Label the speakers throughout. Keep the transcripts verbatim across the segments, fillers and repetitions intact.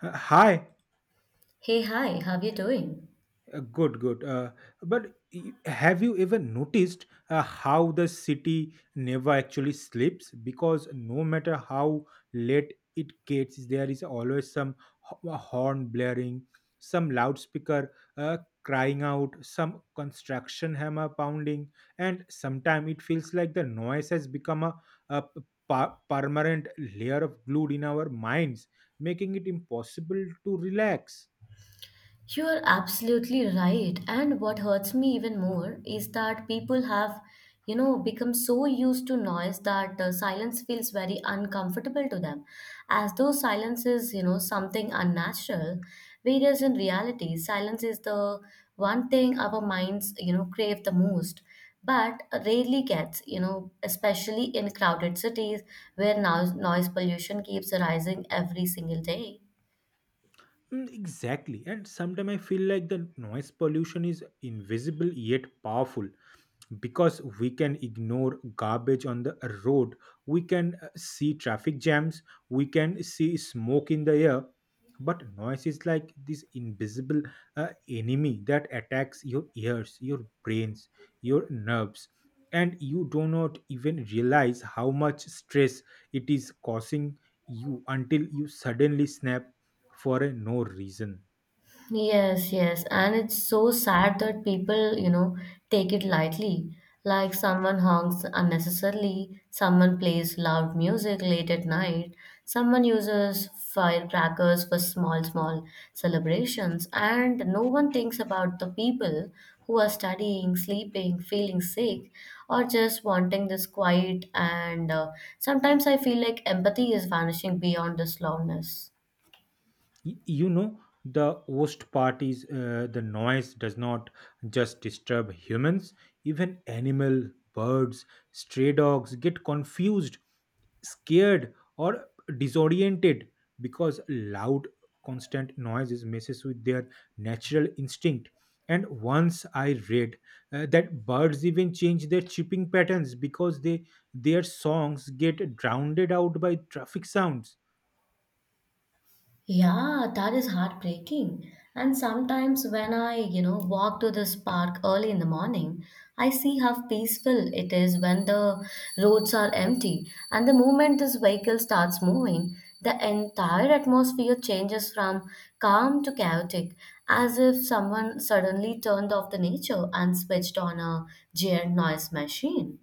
Speaker 1: Uh, Hi.
Speaker 2: Hey, hi, how you doing?
Speaker 1: Uh, good, good. Uh, but y- have you ever noticed uh, how the city never actually sleeps? Because no matter how late it gets, there is always some ho- uh, horn blaring, some loudspeaker uh, crying out, some construction hammer pounding, and sometimes it feels like the noise has become a, a p- pa- permanent layer of glued in our minds, making it impossible to relax.
Speaker 2: You are absolutely right. And what hurts me even more is that people have, you know, become so used to noise that uh, silence feels very uncomfortable to them, as though silence is, you know, something unnatural. Whereas in reality, silence is the one thing our minds, you know, crave the most, but rarely gets, you know, especially in crowded cities where noise, noise pollution keeps rising every single day.
Speaker 1: Mm, exactly. And sometimes I feel like the noise pollution is invisible yet powerful because we can ignore garbage on the road, we can uh, see traffic jams, we can see smoke in the air, but noise is like this invisible uh, enemy that attacks your ears, your brains, your nerves, and you do not even realize how much stress it is causing you until you suddenly snap for a no reason.
Speaker 2: Yes, yes. And it's so sad that people, you know, take it lightly. Like someone honks unnecessarily, someone plays loud music late at night, someone uses firecrackers for small, small celebrations, and no one thinks about the people who are studying, sleeping, feeling sick, or just wanting this quiet. And uh, sometimes I feel like empathy is vanishing beyond this loudness.
Speaker 1: Y- you know, the worst part is, uh, the noise does not just disturb humans, even animal, birds, stray dogs get confused, scared, or disoriented because loud constant noises messes with their natural instinct. And once I read uh, that birds even change their chirping patterns because they their songs get drowned out by traffic sounds.
Speaker 2: Yeah, that is heartbreaking. And sometimes when I, you know, walk to this park early in the morning, I see how peaceful it is when the roads are empty. And the moment this vehicle starts moving, the entire atmosphere changes from calm to chaotic, as if someone suddenly turned off the nature and switched on a giant noise machine.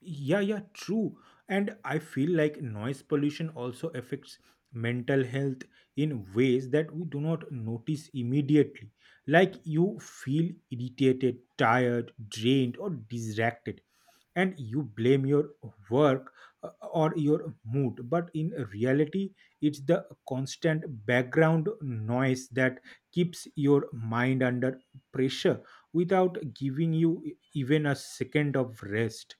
Speaker 1: Yeah, yeah, true. And I feel like noise pollution also affects mental health in ways that we do not notice immediately, like you feel irritated, tired, drained, or distracted, and you blame your work, uh, or your mood, but in reality it's the constant background noise that keeps your mind under pressure without giving you e-, even a second of rest.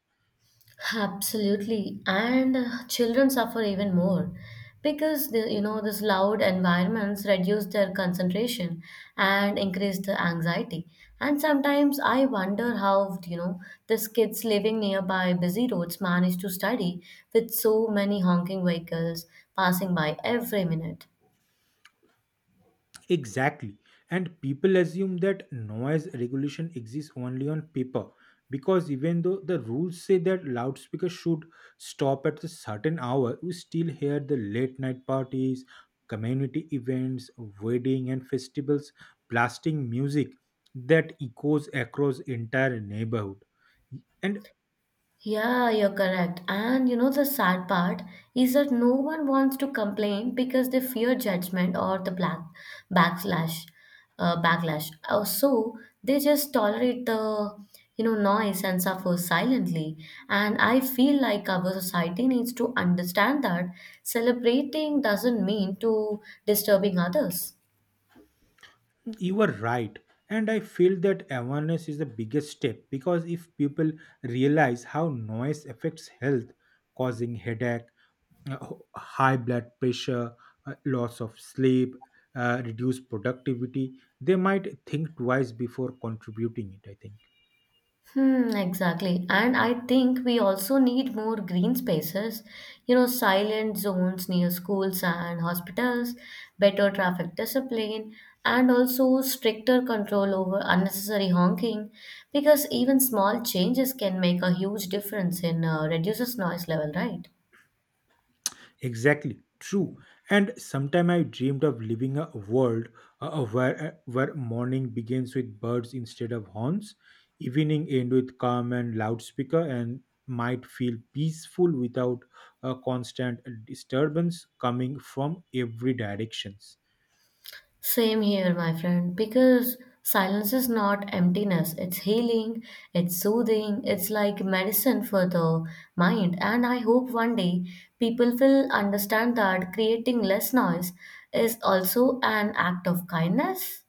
Speaker 2: Absolutely, and uh, children suffer even more because the, you know these loud environments reduce their concentration and increase the anxiety. And sometimes I wonder how you know these kids living nearby busy roads manage to study with so many honking vehicles passing by every minute.
Speaker 1: Exactly. And people assume that noise regulation exists only on paper because even though the rules say that loudspeakers should stop at a certain hour, we still hear the late night parties, community events, wedding and festivals blasting music that echoes across entire neighborhood. And
Speaker 2: Yeah, you're correct. And you know, the sad part is that no one wants to complain because they fear judgment or the black backlash, uh, backlash. Uh, So they just tolerate the you know noise and suffer silently. And I feel like our society needs to understand that celebrating doesn't mean to disturbing others.
Speaker 1: You are right. And I feel that awareness is the biggest step because if people realize how noise affects health, causing headache, uh, high blood pressure, uh, loss of sleep, uh, reduced productivity, they might think twice before contributing it, I think.
Speaker 2: Hmm, exactly. And I think we also need more green spaces, you know, silent zones near schools and hospitals, better traffic discipline, and also stricter control over unnecessary honking, because even small changes can make a huge difference in uh, reduces noise level, right?
Speaker 1: Exactly, true. And sometime I dreamed of living a world uh, uh, where uh, where morning begins with birds instead of horns, evening end with calm and loudspeaker, and might feel peaceful without a constant disturbance coming from every directions.
Speaker 2: Same here, my friend, because silence is not emptiness. It's healing, it's soothing, it's like medicine for the mind. And I hope one day people will understand that creating less noise is also an act of kindness.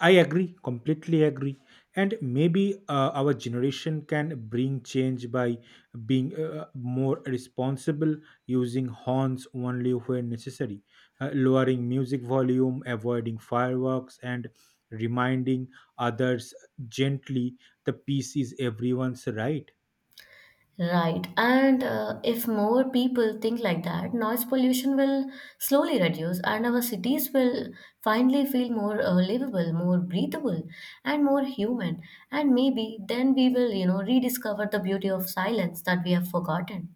Speaker 1: I agree, completely agree. And maybe uh, our generation can bring change by being uh, more responsible, using horns only when necessary, uh, lowering music volume, avoiding fireworks, and reminding others gently the peace is everyone's right.
Speaker 2: Right. And uh, if more people think like that, noise pollution will slowly reduce and our cities will finally feel more uh, livable, more breathable, and more human. And maybe then we will, you know, rediscover the beauty of silence that we have forgotten.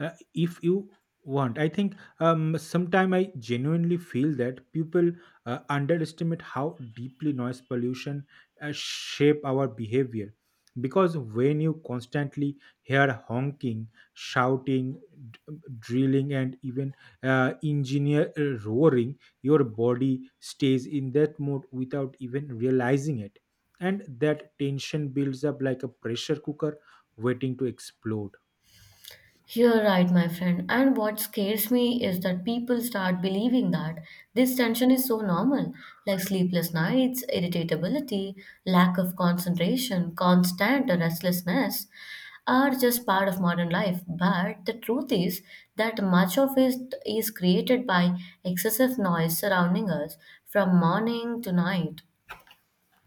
Speaker 1: uh, If you want, I think um sometime I genuinely feel that people uh, underestimate how deeply noise pollution uh, shape our behavior because when you constantly hear honking, shouting, d- drilling, and even uh, engineer uh, roaring, your body stays in that mode without even realizing it, and that tension builds up like a pressure cooker waiting to explode.
Speaker 2: You're right, my friend. And what scares me is that people start believing that this tension is so normal, like sleepless nights, irritability, lack of concentration, constant restlessness are just part of modern life. But the truth is that much of it is created by excessive noise surrounding us from morning to night.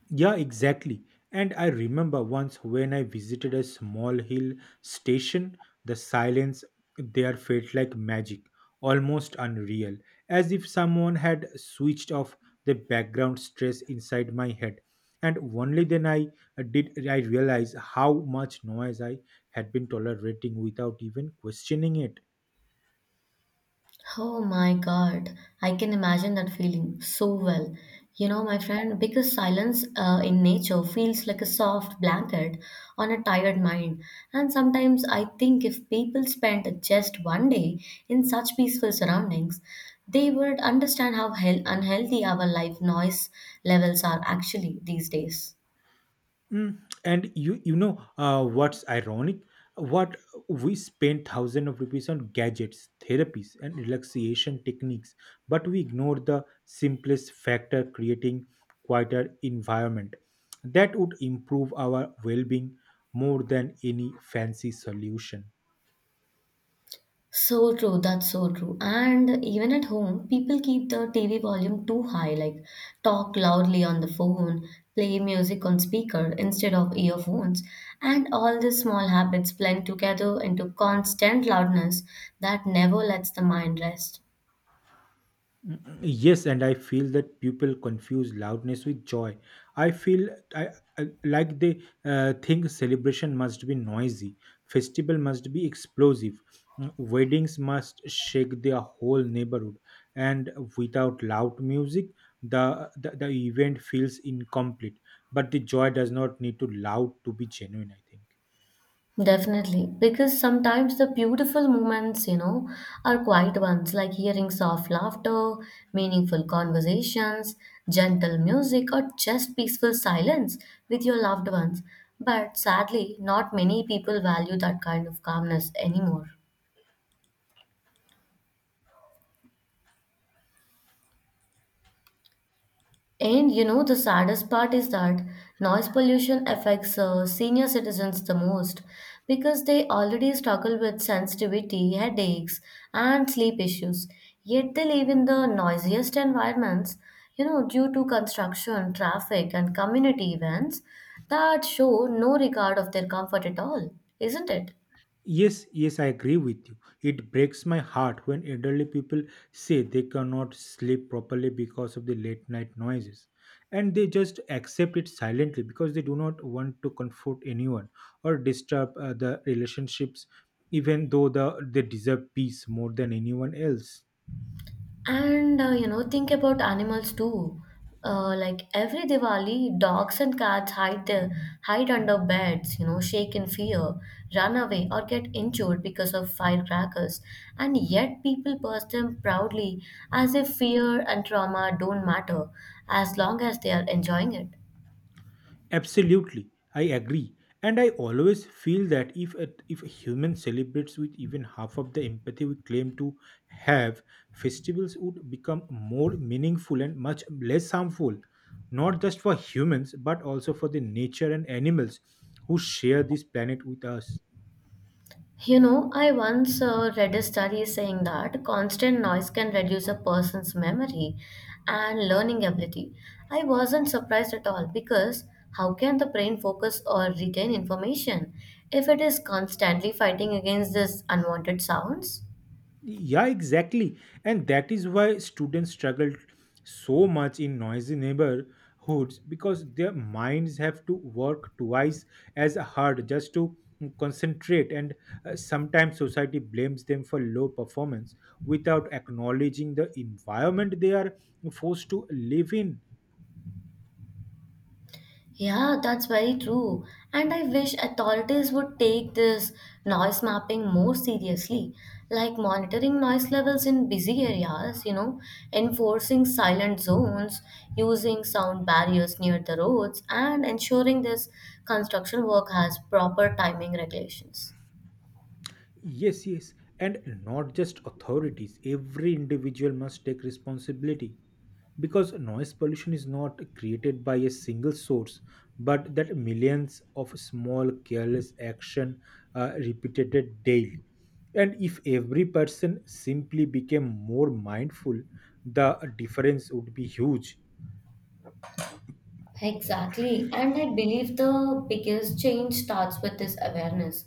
Speaker 1: Yeah, exactly. And I remember once when I visited a small hill station, the silence there felt like magic, almost unreal, as if someone had switched off the background stress inside my head. And only then I did I realize how much noise I had been tolerating without even questioning it.
Speaker 2: Oh my God, I can imagine that feeling so well. You know, my friend, because silence uh, in nature feels like a soft blanket on a tired mind. And sometimes I think if people spent just one day in such peaceful surroundings, they would understand how hel- unhealthy our life noise levels are actually these days.
Speaker 1: Mm, and you you know, uh, what's ironic? What We spend thousands of rupees on gadgets, therapies, and relaxation techniques, but we ignore the simplest factor: creating quieter environment that would improve our well-being more than any fancy solution.
Speaker 2: So true, that's so true. And even at home, people keep the T V volume too high, like talk loudly on the phone, play music on speaker instead of earphones, and all these small habits blend together into constant loudness that never lets the mind rest.
Speaker 1: Yes, and I feel that people confuse loudness with joy. I feel I, I- Like they uh, think celebration must be noisy, festival must be explosive, mm, weddings must shake their whole neighborhood, and without loud music, the, the the event feels incomplete. But the joy does not need to loud to be genuine, I think.
Speaker 2: Definitely, because sometimes the beautiful moments, you know, are quiet ones like hearing soft laughter, meaningful conversations, gentle music, or just peaceful silence with your loved ones. But sadly, not many people value that kind of calmness anymore. And you know, the saddest part is that noise pollution affects uh, senior citizens the most because they already struggle with sensitivity, headaches, and sleep issues. Yet they live in the noisiest environments, you know, due to construction, traffic, and community events that show no regard of their comfort at all, isn't it?
Speaker 1: Yes, yes, I agree with you. It breaks my heart when elderly people say they cannot sleep properly because of the late night noises. And they just accept it silently because they do not want to comfort anyone or disturb uh, the relationships, even though the, they deserve peace more than anyone else.
Speaker 2: And uh, you know, think about animals too. Uh, like every Diwali, dogs and cats hide their hide under beds, you know, shake in fear, run away, or get injured because of firecrackers. And yet, people pass them proudly as if fear and trauma don't matter as long as they are enjoying it.
Speaker 1: Absolutely, I agree. And I always feel that if a, if a human celebrates with even half of the empathy we claim to have, festivals would become more meaningful and much less harmful, not just for humans, but also for the nature and animals who share this planet with us.
Speaker 2: You know, I once uh, read a study saying that constant noise can reduce a person's memory and learning ability. I wasn't surprised at all because how can the brain focus or retain information if it is constantly fighting against these unwanted sounds?
Speaker 1: Yeah, exactly. And that is why students struggle so much in noisy neighborhoods because their minds have to work twice as hard just to concentrate. And uh, sometimes society blames them for low performance without acknowledging the environment they are forced to live in.
Speaker 2: Yeah, that's very true. And I wish authorities would take this noise mapping more seriously, like monitoring noise levels in busy areas, you know, enforcing silent zones, using sound barriers near the roads, and ensuring this construction work has proper timing regulations.
Speaker 1: Yes, yes. And not just authorities, every individual must take responsibility, because noise pollution is not created by a single source but that millions of small careless action are repeated daily, and if every person simply became more mindful, the difference would be huge.
Speaker 2: Exactly. And I believe the biggest change starts with this awareness.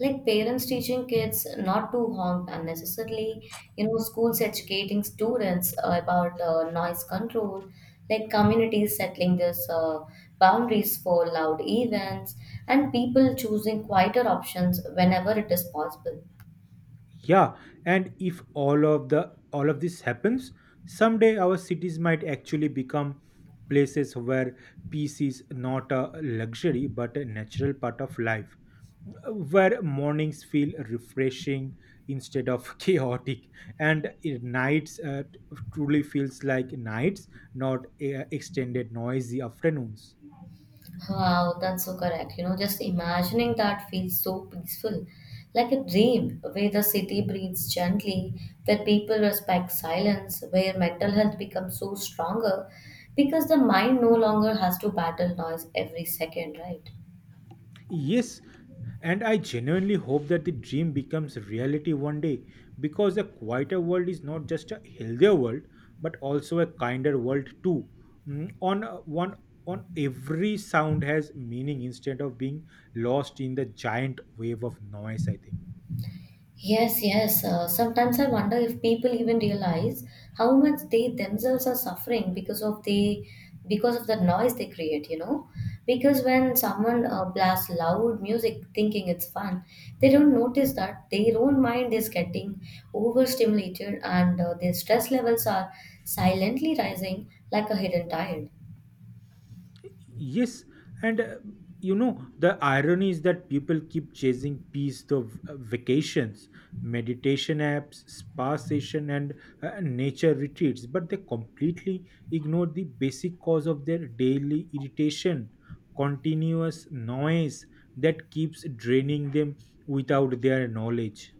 Speaker 2: Like parents teaching kids not to honk unnecessarily, you know, schools educating students uh, about uh, noise control, like communities settling this uh, boundaries for loud events, and people choosing quieter options whenever it is possible.
Speaker 1: Yeah, and if all of the all of this happens, someday our cities might actually become places where peace is not a luxury but a natural part of life, where mornings feel refreshing instead of chaotic, and it- nights uh, truly feels like nights, not uh, extended noisy afternoons.
Speaker 2: Wow, that's so correct. You know, just imagining that feels so peaceful, like a dream where the city breathes gently, where people respect silence, where mental health becomes so stronger because the mind no longer has to battle noise every second, right?
Speaker 1: Yes, and I genuinely hope that the dream becomes reality one day because a quieter world is not just a healthier world but also a kinder world too. Mm, On uh, one on every sound has meaning instead of being lost in the giant wave of noise, I think.
Speaker 2: Yes, yes. Uh, sometimes I wonder if people even realize how much they themselves are suffering because of the because of the noise they create. You know, because when someone uh, blasts loud music thinking it's fun, they don't notice that their own mind is getting overstimulated and uh, their stress levels are silently rising like a hidden tide.
Speaker 1: Yes, and uh, you know, the irony is that people keep chasing peace, the uh, vacations, meditation apps, spa session, and uh, nature retreats, but they completely ignore the basic cause of their daily irritation, continuous noise that keeps draining them without their knowledge.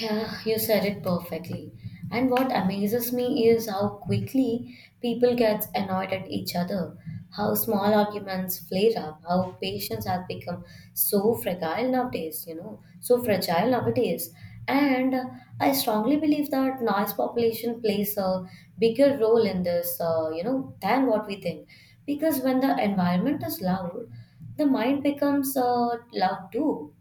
Speaker 2: Yeah, you said it perfectly. And what amazes me is how quickly people get annoyed at each other, how small arguments flare up, how patience has become so fragile nowadays, you know, so fragile nowadays. And uh, I strongly believe that noise population plays a bigger role in this, uh, you know, than what we think. Because when the environment is loud, the mind becomes uh, loud too.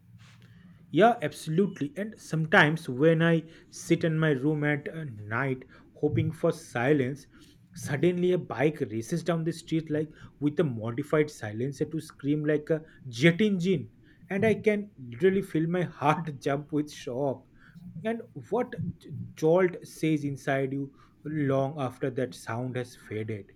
Speaker 1: Yeah, absolutely. And sometimes when I sit in my room at uh, night hoping for silence, suddenly a bike races down the street like with a modified silencer to scream like a jet engine. And I can literally feel my heart jump with shock. And what j- jolt says inside you long after that sound has faded.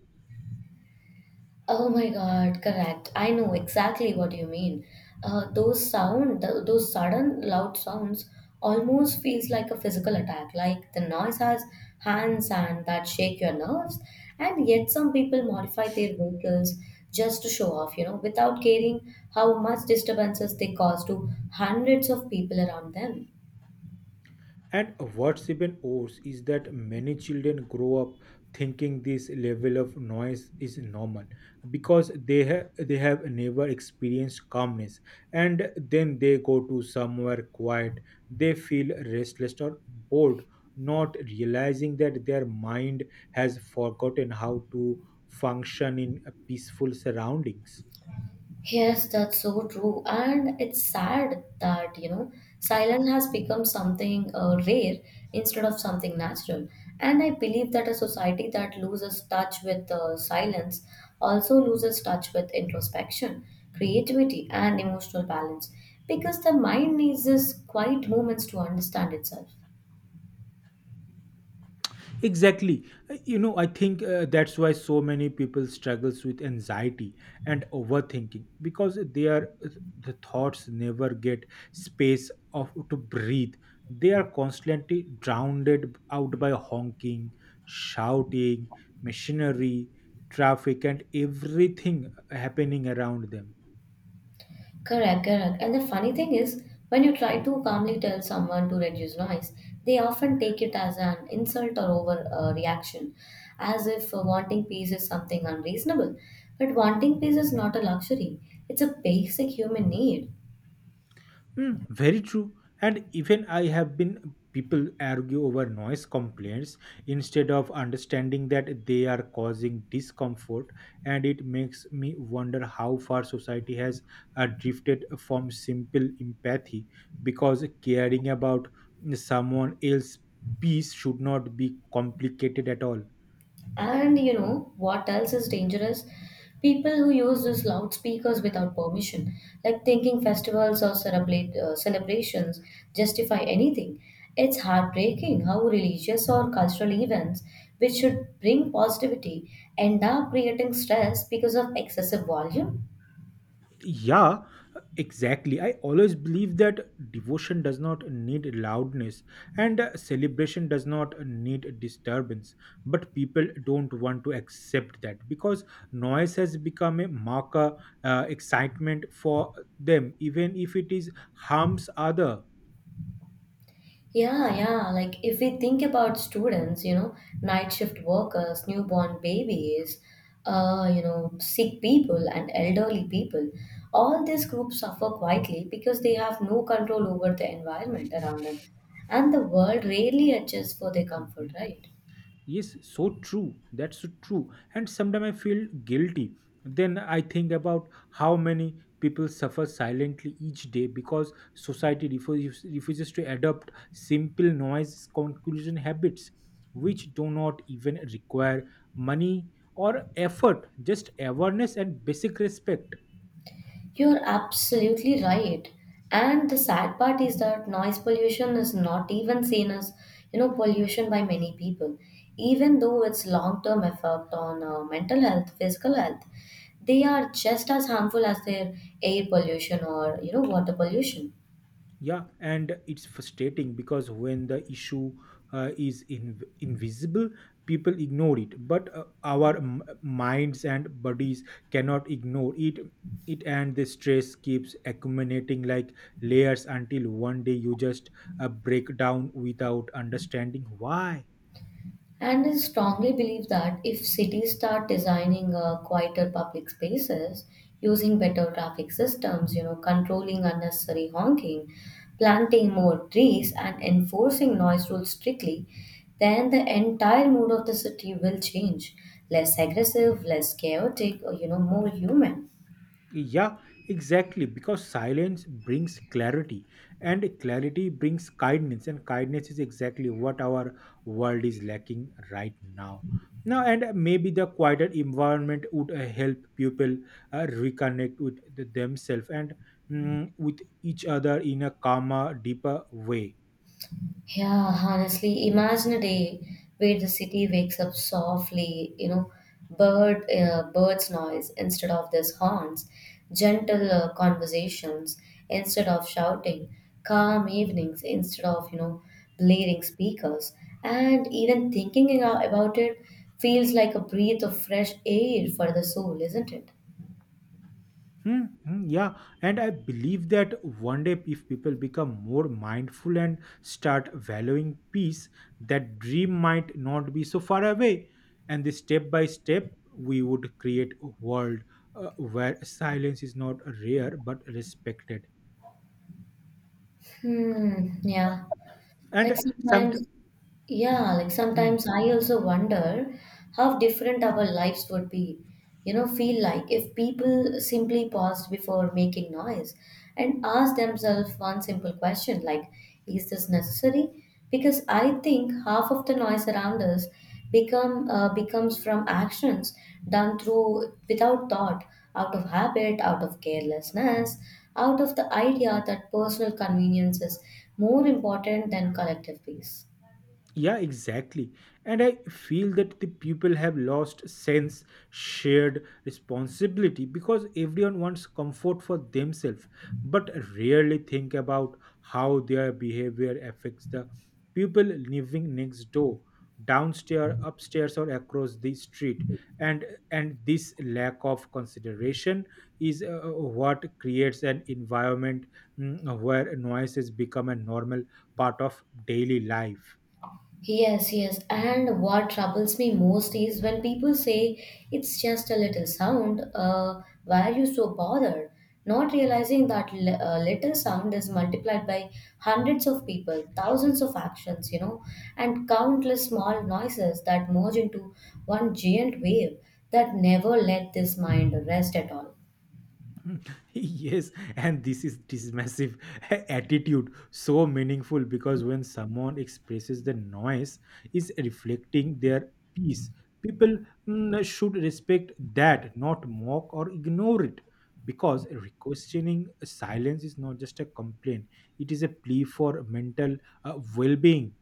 Speaker 2: Oh my God, correct. I know exactly what you mean. Uh, those sound, th- those sudden loud sounds almost feels like a physical attack, like the noise has hands and that shake your nerves. And yet some people modify their vehicles just to show off, you know, without caring how much disturbances they cause to hundreds of people around them.
Speaker 1: And what's even worse is that many children grow up thinking this level of noise is normal because they have they have never experienced calmness, and then they go to somewhere quiet, they feel restless or bored, not realizing that their mind has forgotten how to function in peaceful surroundings.
Speaker 2: Yes, that's so true. And it's sad that, you know, silence has become something uh, rare instead of something natural. And I believe that a society that loses touch with uh, silence also loses touch with introspection, creativity, and emotional balance because the mind needs these quiet moments to understand itself.
Speaker 1: Exactly. Uh, You know, I think uh, that's why so many people struggles with anxiety and overthinking because they are uh, the thoughts never get space of to breathe. They are constantly drowned out by honking, shouting, machinery, traffic, and everything happening around them.
Speaker 2: Correct, correct. And the funny thing is, when you try to calmly tell someone to reduce noise, they often take it as an insult or over uh, reaction, as if uh, wanting peace is something unreasonable. But wanting peace is not a luxury, it's a basic human need.
Speaker 1: Mm, very true. And even I have been people argue over noise complaints instead of understanding that they are causing discomfort, and it makes me wonder how far society has uh, drifted from simple empathy because caring about someone else's peace should not be complicated at all.
Speaker 2: And you know what else is dangerous? People who use these loudspeakers without permission, like thinking festivals or celebrate, uh, celebrations justify anything. It's heartbreaking how religious or cultural events, which should bring positivity, end up creating stress because of excessive volume.
Speaker 1: Yeah, exactly. I always believe that devotion does not need loudness and uh, celebration does not need disturbance. But people don't want to accept that because noise has become a marker uh, excitement for them, even if it is harms other.
Speaker 2: Yeah, yeah. Like if we think about students, you know, night shift workers, newborn babies, uh, you know, sick people and elderly people, all these groups suffer quietly because they have no control over the environment around them. And the world rarely adjusts for their
Speaker 1: Mm-hmm.
Speaker 2: comfort, right?
Speaker 1: Yes, so true. That's so true. And sometimes I feel guilty. Then I think about how many people suffer silently each day because society refuses, refuses to adopt simple noise conclusion habits, which do not even require money or effort, just awareness and basic respect.
Speaker 2: You're absolutely right. And the sad part is that noise pollution is not even seen as, you know, pollution by many people, even though it's long-term effect on uh, mental health, physical health. They are just as harmful as their air pollution or, you know, water pollution.
Speaker 1: Yeah, and it's frustrating because when the issue uh, is in, invisible, people ignore it. But uh, our m- minds and bodies cannot ignore it. It and the stress keeps accumulating like layers until one day you just uh, break down without understanding why.
Speaker 2: And I strongly believe that if cities start designing uh, quieter public spaces, using better traffic systems, you know, controlling unnecessary honking, planting more trees, and enforcing noise rules strictly, then the entire mood of the city will change. Less aggressive, less chaotic, or you know, more human.
Speaker 1: Yeah, exactly. Because silence brings clarity, and clarity brings kindness, and kindness is exactly what our world is lacking right now. Now, and maybe the quieter environment would uh, help people uh, reconnect with the, themselves and mm, with each other in a calmer, deeper way.
Speaker 2: Yeah, honestly, imagine a day where the city wakes up softly, you know, bird uh, birds noise instead of these horns, gentle uh, conversations instead of shouting, calm evenings instead of, you know, blaring speakers. And even thinking a- about it feels like a breath of fresh air for the soul, isn't it?
Speaker 1: Hmm, hmm, yeah, and I believe that one day, if people become more mindful and start valuing peace, that dream might not be so far away. And the step by step, we would create a world uh, where silence is not rare but respected.
Speaker 2: Hmm, yeah. Like
Speaker 1: And some,
Speaker 2: sometimes, yeah, like
Speaker 1: hmm.
Speaker 2: sometimes I also wonder how different our lives would be, you know, feel like if people simply paused before making noise and asked themselves one simple question like, is this necessary? Because I think half of the noise around us become uh, becomes from actions done through without thought, out of habit, out of carelessness, out of the idea that personal convenience is more important than collective peace.
Speaker 1: Yeah, exactly. And I feel that the people have lost sense shared responsibility because everyone wants comfort for themselves, but rarely think about how their behavior affects the people living next door, downstairs, upstairs, or across the street. And and this lack of consideration is uh, uh, what creates an environment mm, where noises become a normal part of daily life.
Speaker 2: Yes, yes. And what troubles me most is when people say it's just a little sound, uh, why are you so bothered? Not realizing that li- uh, little sound is multiplied by hundreds of people, thousands of actions, you know, and countless small noises that merge into one giant wave that never let this mind rest at all.
Speaker 1: Yes, and this is this massive attitude so meaningful because when someone expresses the noise is reflecting their peace, people mm, should respect that, not mock or ignore it, because questioning silence is not just a complaint, it is a plea for mental uh, well-being.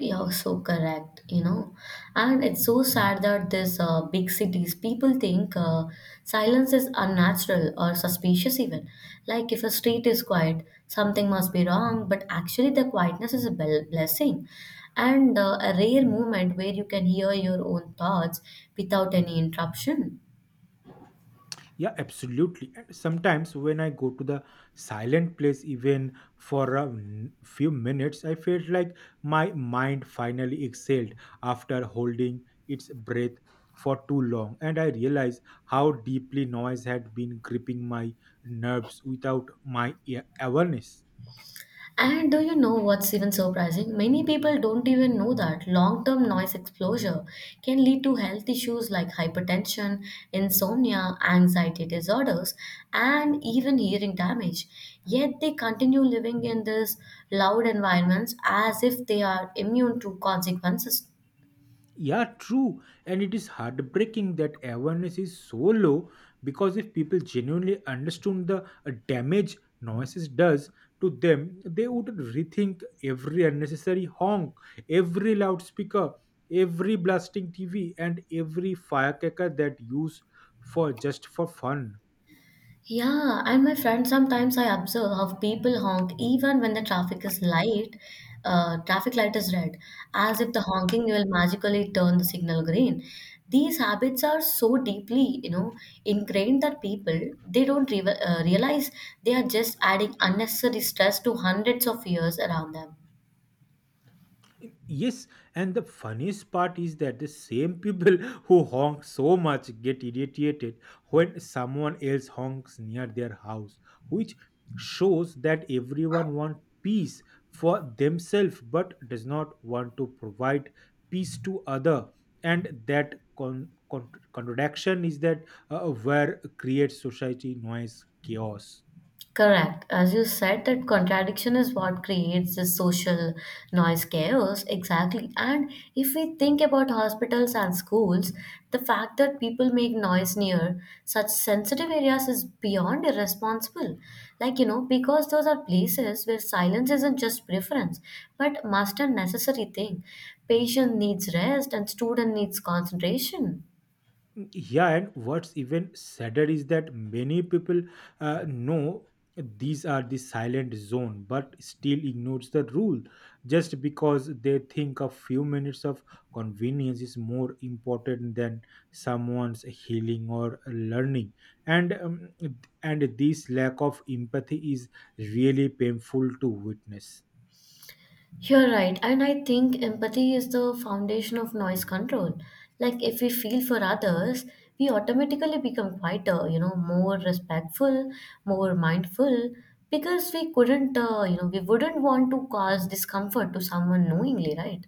Speaker 2: You're so correct, you know. And it's so sad that this uh, big cities people think uh, silence is unnatural or suspicious even. Like if a street is quiet, something must be wrong, but actually the quietness is a bel- blessing and uh, a rare moment where you can hear your own thoughts without any interruption.
Speaker 1: Yeah, absolutely. And sometimes when I go to the silent place, even for a n- few minutes, I felt like my mind finally exhaled after holding its breath for too long. And I realized how deeply noise had been gripping my nerves without my a- awareness.
Speaker 2: And do you know what's even surprising? Many people don't even know that long term noise exposure can lead to health issues like hypertension, insomnia, anxiety disorders, and even hearing damage. Yet they continue living in these loud environments as if they are immune to consequences.
Speaker 1: Yeah, true. And it is heartbreaking that awareness is so low because if people genuinely understood the uh, damage noises does to them, they would rethink every unnecessary honk, every loudspeaker, every blasting T V, and every firecracker that use for just for fun.
Speaker 2: Yeah, and my friend, sometimes I observe how people honk even when the traffic is light, uh, traffic light is red, as if the honking will magically turn the signal green. These habits are so deeply, you know, ingrained that people they don't re- uh, realize they are just adding unnecessary stress to hundreds of years around them.
Speaker 1: Yes, and the funniest part is that the same people who honk so much get irritated when someone else honks near their house, which shows that everyone wants peace for themselves but does not want to provide peace to other. And that con- con- contradiction is that uh, where creates society noise chaos.
Speaker 2: Correct. As you said, that contradiction is what creates this social noise chaos. Exactly. And if we think about hospitals and schools, the fact that people make noise near such sensitive areas is beyond irresponsible. Like, you know, because those are places where silence isn't just preference, but must and necessary thing. Patient needs rest and student needs concentration.
Speaker 1: Yeah, and what's even sadder is that many people uh, know these are the silent zone but still ignores the rule just because they think a few minutes of convenience is more important than someone's healing or learning and um, and this lack of empathy is really painful to witness.
Speaker 2: You're right, and I think empathy is the foundation of noise control. Like, if we feel for others, we automatically become quieter, you know, more respectful, more mindful, because we couldn't, uh, you know, we wouldn't want to cause discomfort to someone knowingly, right?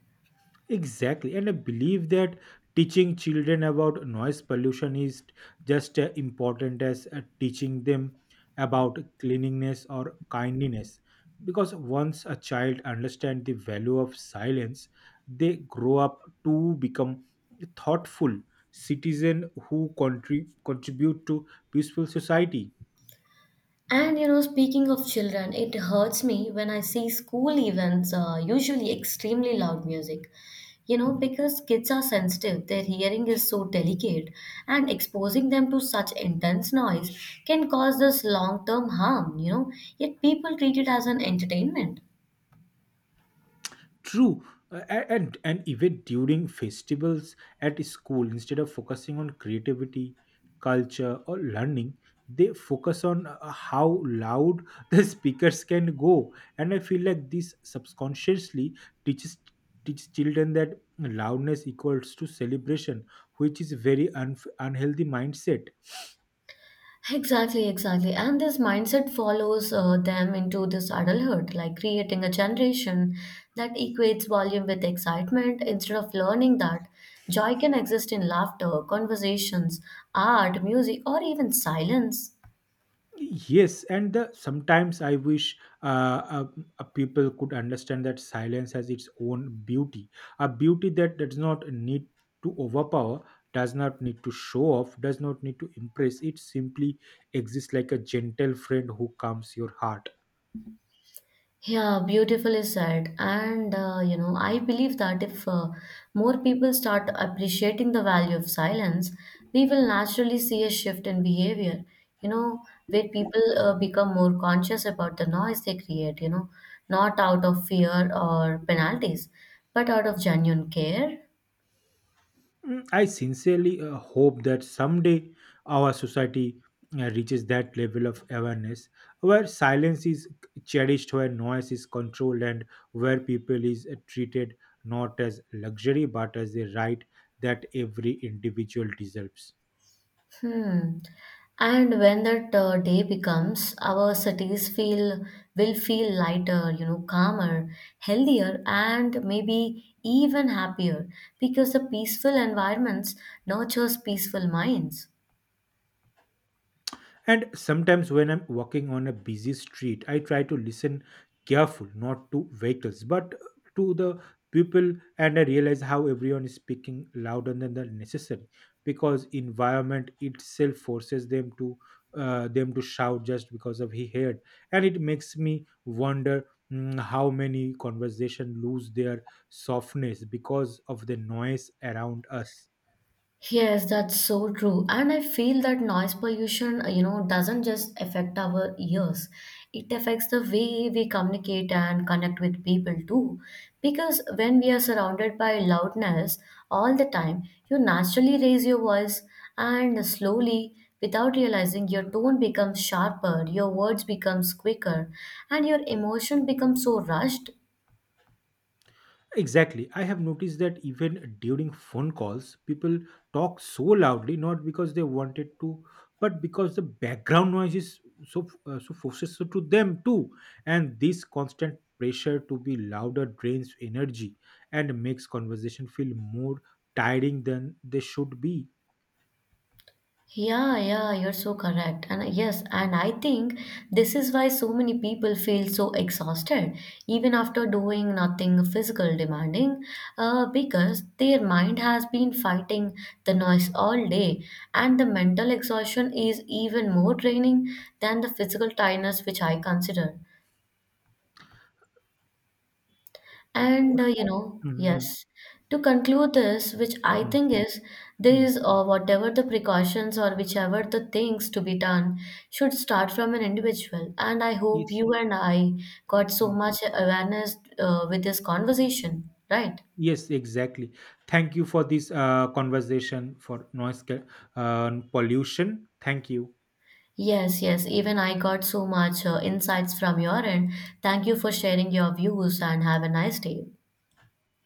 Speaker 1: Exactly, and I believe that teaching children about noise pollution is just as important as uh, teaching them about cleanliness or kindliness. Because once a child understands the value of silence, they grow up to become thoughtful citizen who contri- contribute to peaceful society.
Speaker 2: And you know, speaking of children, it hurts me when I see school events, uh, usually extremely loud music. You know, because kids are sensitive, their hearing is so delicate, and exposing them to such intense noise can cause this long term harm, you know, yet people treat it as an entertainment.
Speaker 1: True, uh, a- and and even during festivals at school, instead of focusing on creativity, culture, or learning, they focus on uh, how loud the speakers can go. And I feel like this subconsciously teaches teaches children that loudness equals to celebration, which is very un- unhealthy mindset.
Speaker 2: Exactly, exactly. And this mindset follows uh, them into this adulthood, like creating a generation that equates volume with excitement instead of learning that joy can exist in laughter, conversations, art, music, or even silence.
Speaker 1: Yes, and the sometimes I wish uh, uh, uh, people could understand that silence has its own beauty, a beauty that does not need to overpower, does not need to show off, does not need to impress. It simply exists like a gentle friend who calms your heart.
Speaker 2: Yeah, beautifully said. And uh, you know, I believe that if uh, more people start appreciating the value of silence, we will naturally see a shift in behavior, you know, where people uh, become more conscious about the noise they create, you know, not out of fear or penalties, but out of genuine care.
Speaker 1: Mm, I sincerely uh, hope that someday our society uh, reaches that level of awareness where silence is cherished, where noise is controlled, and where people is uh, treated not as luxury but as a right that every individual deserves.
Speaker 2: Hmm. And when that uh, day becomes, our cities feel will feel lighter, you know, calmer, healthier, and maybe even happier because the peaceful environments nurtures peaceful minds.
Speaker 1: And sometimes when I'm walking on a busy street, I try to listen careful, not to vehicles, but to the people, and I realize how everyone is speaking louder than the necessary because environment itself forces them to uh, them to shout just because of he heard, and it makes me wonder, mm, how many conversation lose their softness because of the noise around us.
Speaker 2: Yes, that's so true. And I feel that noise pollution, uh, you know, doesn't just affect our ears. It affects the way we communicate and connect with people too. Because when we are surrounded by loudness all the time, you naturally raise your voice and slowly, without realizing, your tone becomes sharper, your words becomes quicker, and your emotion becomes so rushed.
Speaker 1: Exactly. I have noticed that even during phone calls, people talk so loudly, not because they wanted to, but because the background noise is so uh, so forces to them too. And this constant pressure to be louder drains energy and makes conversation feel more tiring than they should be.
Speaker 2: Yeah, yeah, you're so correct. And yes, and I think this is why so many people feel so exhausted even after doing nothing physical demanding, uh, because their mind has been fighting the noise all day, and the mental exhaustion is even more draining than the physical tiredness, which I consider. And uh,
Speaker 1: Or-
Speaker 2: you know,
Speaker 1: Mhm,
Speaker 2: yes, to conclude this, which I
Speaker 1: mhm,
Speaker 2: think is
Speaker 1: mhm.
Speaker 2: this or whatever the precautions or whichever the things to be done should start from an individual. And I hope
Speaker 1: Yes.
Speaker 2: you and I got so
Speaker 1: Mm.
Speaker 2: much awareness uh, with this conversation, right?
Speaker 1: Yes, exactly. Thank you for this uh, conversation for noise ca- uh, pollution. Thank you.
Speaker 2: Yes, yes, even I got so much uh, insights from your end. Thank you for sharing your views and have a nice day.